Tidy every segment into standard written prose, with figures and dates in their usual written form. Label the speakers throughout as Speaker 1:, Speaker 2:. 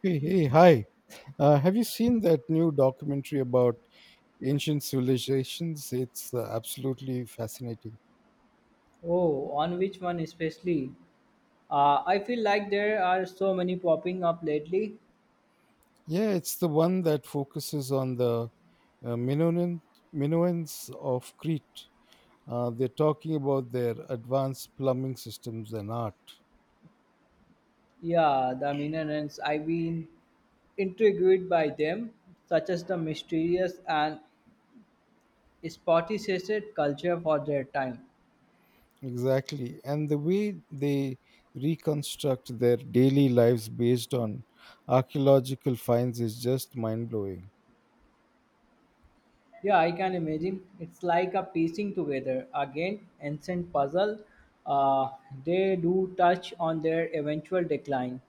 Speaker 1: Hey, hey, hi. Have you seen that new documentary about ancient civilizations? It's absolutely fascinating.
Speaker 2: Oh, on which one especially? I feel like there are so many popping up lately.
Speaker 1: Yeah, it's the one that focuses on the uh, Minoan, Minoans of Crete. They're talking about their advanced plumbing systems and art.
Speaker 2: Yeah, the minerals. I've been intrigued by them, such as the mysterious and spotty-sated culture for their time.
Speaker 1: Exactly. And the way they reconstruct their daily lives based on archaeological finds is just mind blowing.
Speaker 2: Yeah, I can imagine. It's like a piecing together again, ancient puzzle. Uh, they do touch on their eventual decline.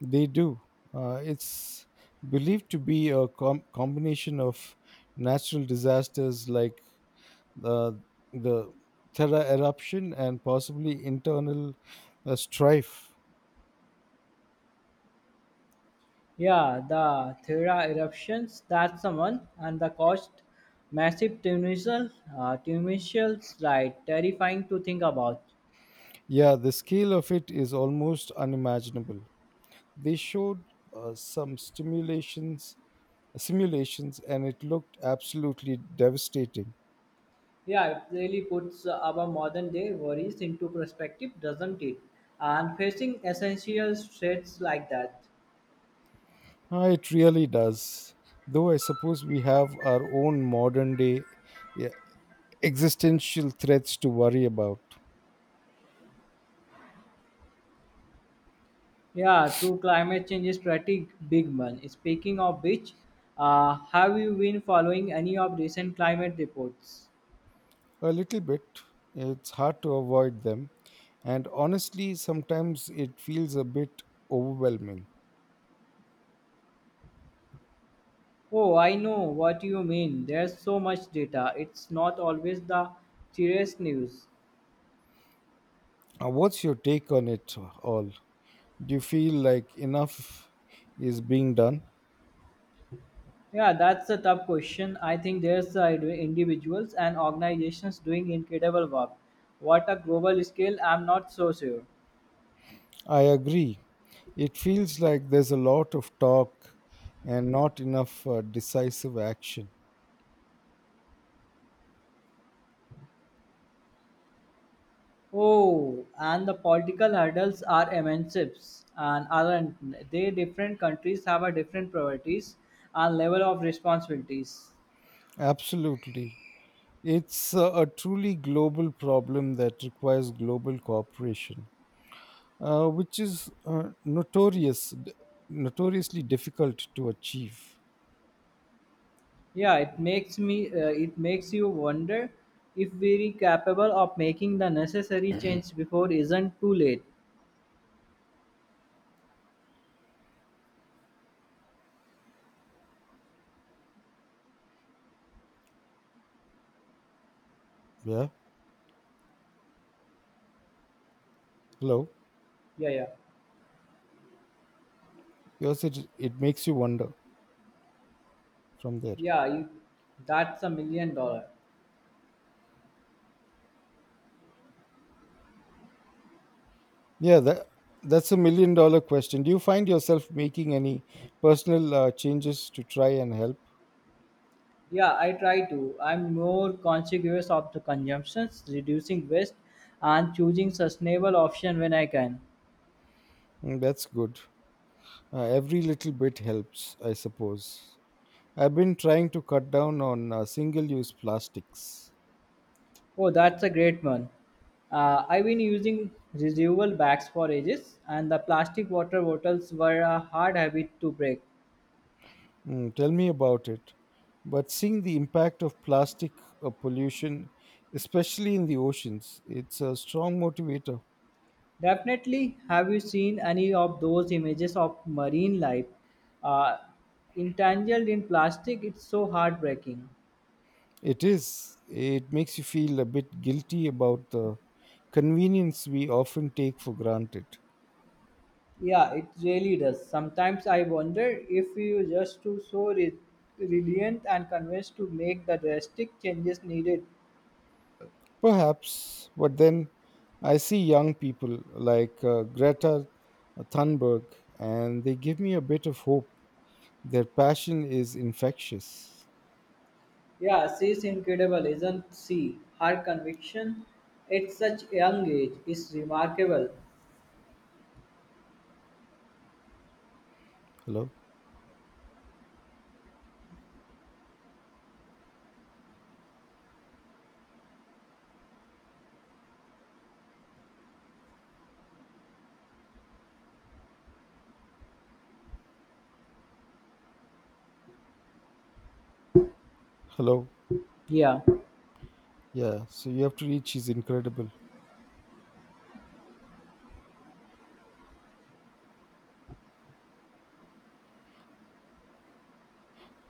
Speaker 1: They do. It's believed to be a combination of natural disasters like the the Thera eruption and possibly internal strife.
Speaker 2: Yeah, the Thera eruptions, that's the one, and the cost massive tunisial, tunisials, right? Terrifying to think about.
Speaker 1: Yeah, the scale of it is almost unimaginable. They showed uh, some stimulations, simulations, and it looked absolutely devastating.
Speaker 2: Yeah, it really puts our modern day worries into perspective, doesn't it? And facing essential threats like that.
Speaker 1: Ah, it really does. Though I suppose we have our own modern day existential threats to worry about.
Speaker 2: Yeah, true climate change is pretty big one. Speaking of which, have you been following any of recent climate reports?
Speaker 1: A little bit. It's hard to avoid them. And honestly, sometimes it feels a bit overwhelming.
Speaker 2: Oh, I know what you mean. There's so much data. It's not always the serious news.
Speaker 1: What's your take on it all? Do you feel like enough is being done?
Speaker 2: Yeah, that's a tough question. I think there's individuals and organizations doing incredible work. What a global scale, I'm not so sure.
Speaker 1: I agree. It feels like there's a lot of talk and not enough decisive action.
Speaker 2: Oh, and the political hurdles are immense, and aren't they? Different countries have a different priorities and level of responsibilities.
Speaker 1: Absolutely. It's a truly global problem that requires global cooperation. Which is notoriously difficult to achieve.
Speaker 2: Yeah, it makes you wonder if we're capable of making the necessary change before isn't too late.
Speaker 1: Yeah. Hello.
Speaker 2: Yeah, yeah,
Speaker 1: Because it makes you wonder from there.
Speaker 2: yeah. You, that's a million dollar.
Speaker 1: Yeah. That's a million dollar question. Do you find yourself making any personal changes to try and help?
Speaker 2: Yeah, I try to. I'm more conscious of the consumptions, reducing waste, and choosing sustainable option when I can.
Speaker 1: Mm, that's good. Every little bit helps, I suppose. I've been trying to cut down on single use plastics.
Speaker 2: Oh, that's a great one. I've been using reusable bags for ages, and the plastic water bottles were a hard habit to break.
Speaker 1: Mm, tell me about it. But seeing the impact of plastic pollution, especially in the oceans, it's a strong motivator.
Speaker 2: Definitely, have you seen any of those images of marine life uh, entangled in plastic? It's so heartbreaking.
Speaker 1: It is. It makes you feel a bit guilty about the convenience we often take for granted.
Speaker 2: Yeah, it really does. Sometimes I wonder if we were just too resilient and convinced to make the drastic changes needed.
Speaker 1: Perhaps, but then I see young people like Greta Thunberg, and they give me a bit of hope. Their passion is infectious.
Speaker 2: Yeah, she's incredible, isn't she? Her conviction at such a young age is remarkable.
Speaker 1: Hello? Hello?
Speaker 2: Yeah.
Speaker 1: Yeah, so you have to read She's Incredible.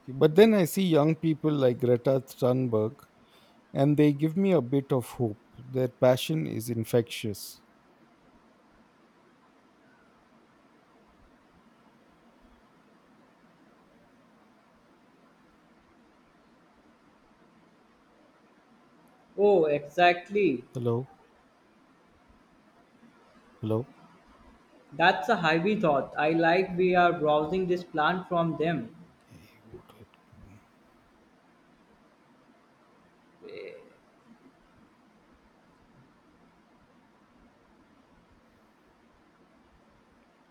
Speaker 1: But then I see young people like Greta Thunberg, and they give me a bit of hope. Their passion is infectious.
Speaker 2: Oh, exactly.
Speaker 1: Hello? Hello?
Speaker 2: That's a Ivy thought. I like we are browsing this plant from them.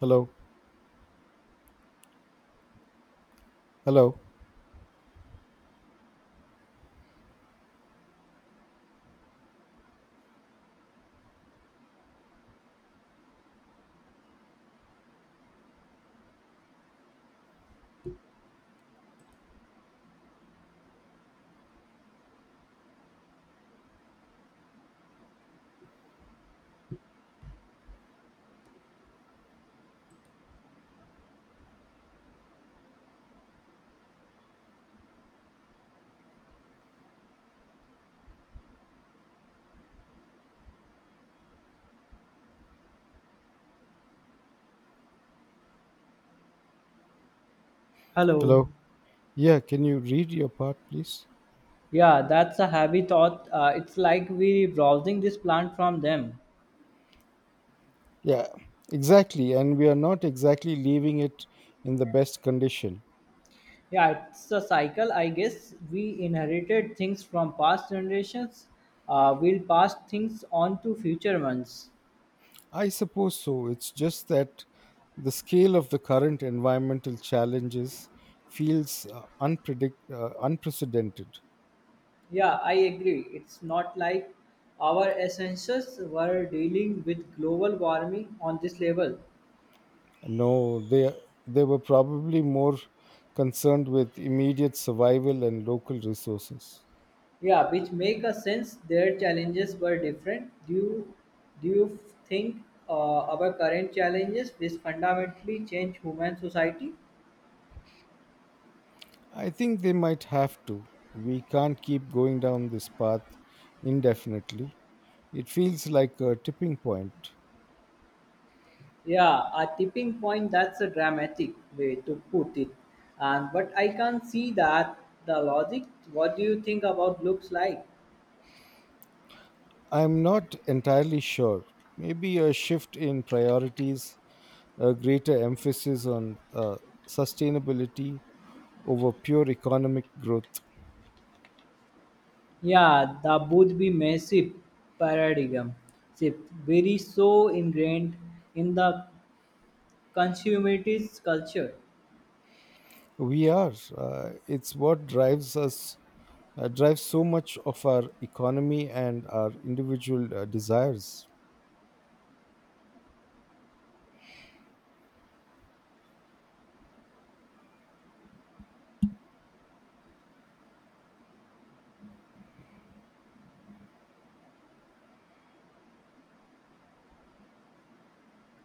Speaker 1: Hello? Hello?
Speaker 2: Hello.
Speaker 1: Hello? Yeah, can you read your part, please?
Speaker 2: Yeah, that's a heavy thought. It's like we browsing this plant from them.
Speaker 1: Yeah, exactly. And we are not exactly leaving it in the best condition.
Speaker 2: Yeah, it's a cycle. I guess we inherited things from past generations. We'll pass things on to future ones.
Speaker 1: I suppose so. It's just that the scale of the current environmental challenges feels unprecedented.
Speaker 2: Yeah, I agree. It's not like our essentials were dealing with global warming on this level.
Speaker 1: No, they were probably more concerned with immediate survival and local resources.
Speaker 2: Yeah, which make a sense. Their challenges were different. Do you think our current challenges will fundamentally change human society?
Speaker 1: I think they might have to. We can't keep going down this path indefinitely. It feels like a tipping point.
Speaker 2: Yeah, a tipping point. That's a dramatic way to put it. And but I can't see that the logic. What do you think about looks like?
Speaker 1: I'm not entirely sure. Maybe a shift in priorities, a greater emphasis on sustainability over pure economic growth.
Speaker 2: Yeah, the would be massive paradigm shift, very so ingrained in the consumerist culture.
Speaker 1: We are. It's what drives us, drives so much of our economy and our individual desires.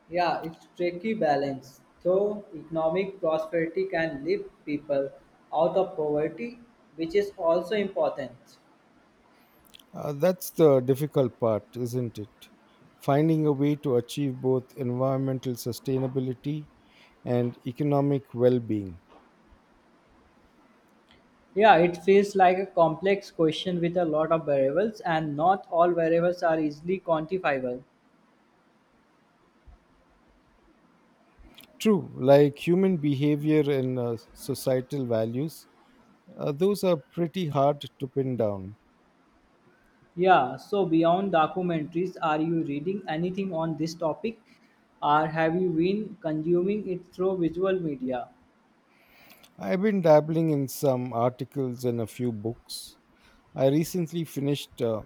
Speaker 2: Yeah, it's tricky balance. Though economic prosperity can lift people out of poverty, which is also important.
Speaker 1: That's the difficult part, isn't it? Finding a way to achieve both environmental sustainability and economic well being.
Speaker 2: Yeah, it feels like a complex question with a lot of variables, and not all variables are easily quantifiable.
Speaker 1: True, like human behavior and societal values, those are pretty hard to pin down.
Speaker 2: Yeah, so beyond documentaries, are you reading anything on this topic, or have you been consuming it through visual media?
Speaker 1: I've been dabbling in some articles and a few books. I recently finished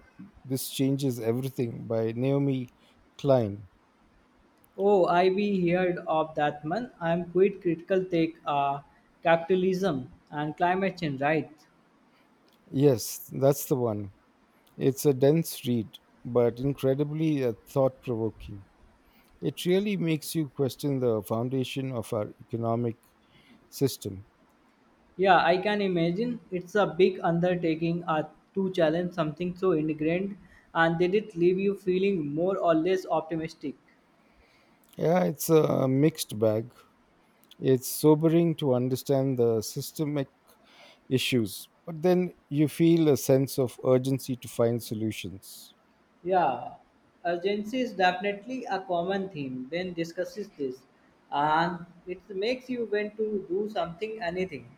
Speaker 1: This Changes Everything by Naomi Klein.
Speaker 2: Oh, I be heard of that man. I'm quite critical take capitalism and climate change, right?
Speaker 1: Yes, that's the one. It's a dense read, but incredibly thought provoking. It really makes you question the foundation of our economic system.
Speaker 2: Yeah, I can imagine it's a big undertaking to challenge something so ingrained, and did it leave you feeling more or less optimistic?
Speaker 1: Yeah, it's a mixed bag. It's sobering to understand the systemic issues, but then you feel a sense of urgency to find solutions.
Speaker 2: Yeah, urgency is definitely a common theme when discusses this, and it makes you want to do something, anything.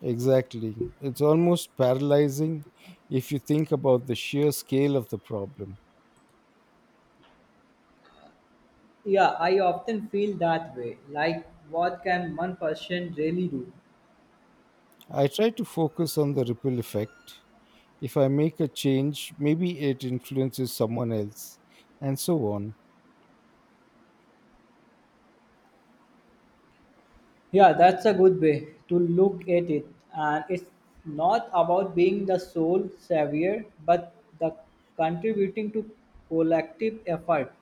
Speaker 1: Exactly. It's almost paralyzing if you think about the sheer scale of the problem.
Speaker 2: Yeah, I often feel that way. Like, what can one person really do?
Speaker 1: I try to focus on the ripple effect. If I make a change, maybe it influences someone else, and so on.
Speaker 2: Yeah, that's a good way to look at it. And it's not about being the sole savior, but the contributing to collective effort.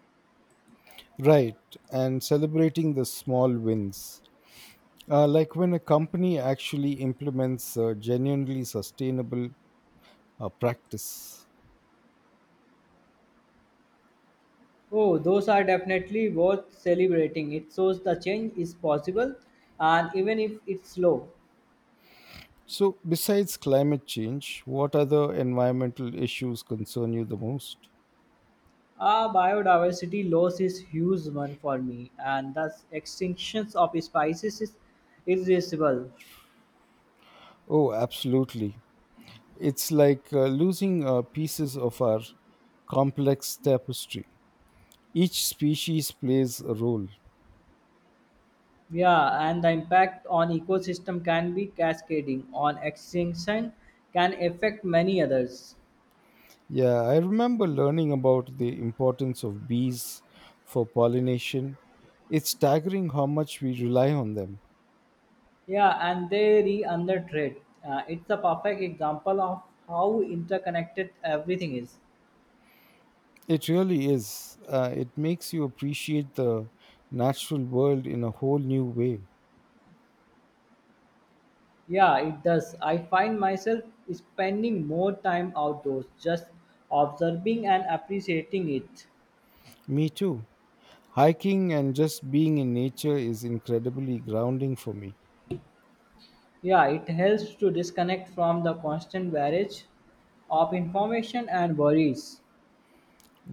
Speaker 1: Right, and celebrating the small wins. Like when a company actually implements a genuinely sustainable practice.
Speaker 2: Oh, those are definitely worth celebrating. It shows the change is possible, and even if it's slow.
Speaker 1: So, besides climate change, what other environmental issues concern you the most?
Speaker 2: Ah, biodiversity loss is huge one for me, and thus extinctions of species is irreversible.
Speaker 1: Oh, absolutely. It's like losing pieces of our complex tapestry. Each species plays a role.
Speaker 2: Yeah, and the impact on ecosystem can be cascading. On extinction can affect many others.
Speaker 1: Yeah, I remember learning about the importance of bees for pollination. It's staggering how much we rely on them.
Speaker 2: Yeah, and they re under trade. It's a perfect example of how interconnected everything is.
Speaker 1: It really is. It makes you appreciate the natural world in a whole new way.
Speaker 2: Yeah, it does. I find myself spending more time outdoors, just observing and appreciating it.
Speaker 1: Me too. Hiking and just being in nature is incredibly grounding for me.
Speaker 2: Yeah, it helps to disconnect from the constant barrage of information and worries.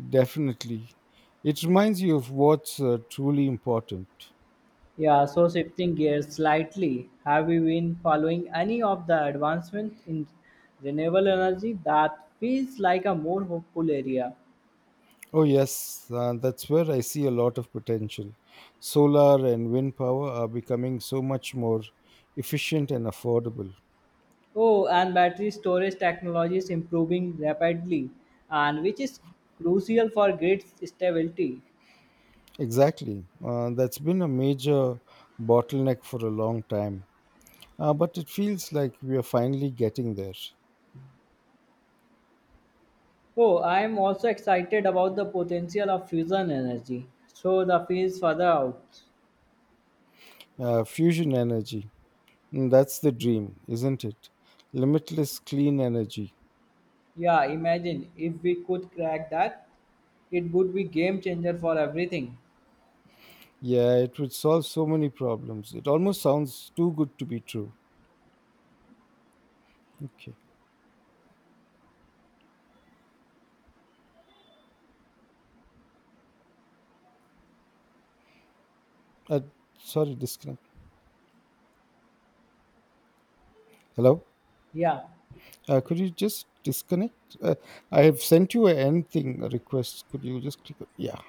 Speaker 1: Definitely. It reminds you of what's truly important.
Speaker 2: Yeah, so shifting gears slightly, have you been following any of the advancement in renewable energy that feels like a more hopeful area?
Speaker 1: Oh, yes, that's where I see a lot of potential. Solar and wind power are becoming so much more efficient and affordable.
Speaker 2: Oh, and battery storage technology is improving rapidly, and which is crucial for grid stability.
Speaker 1: Exactly. That's been a major bottleneck for a long time. But it feels like we are finally getting there.
Speaker 2: Oh, I am also excited about the potential of fusion energy. So the fields further out.
Speaker 1: Fusion energy. Mm, that's the dream, isn't it? Limitless clean energy.
Speaker 2: Yeah, imagine if we could crack that, it would be game changer for everything.
Speaker 1: Yeah, it would solve so many problems. It almost sounds too good to be true. Okay. Uh, Sorry, disconnect. Hello?
Speaker 2: Yeah.
Speaker 1: Could you just disconnect? I have sent you an end thing a request. Could you just click? On- Yeah.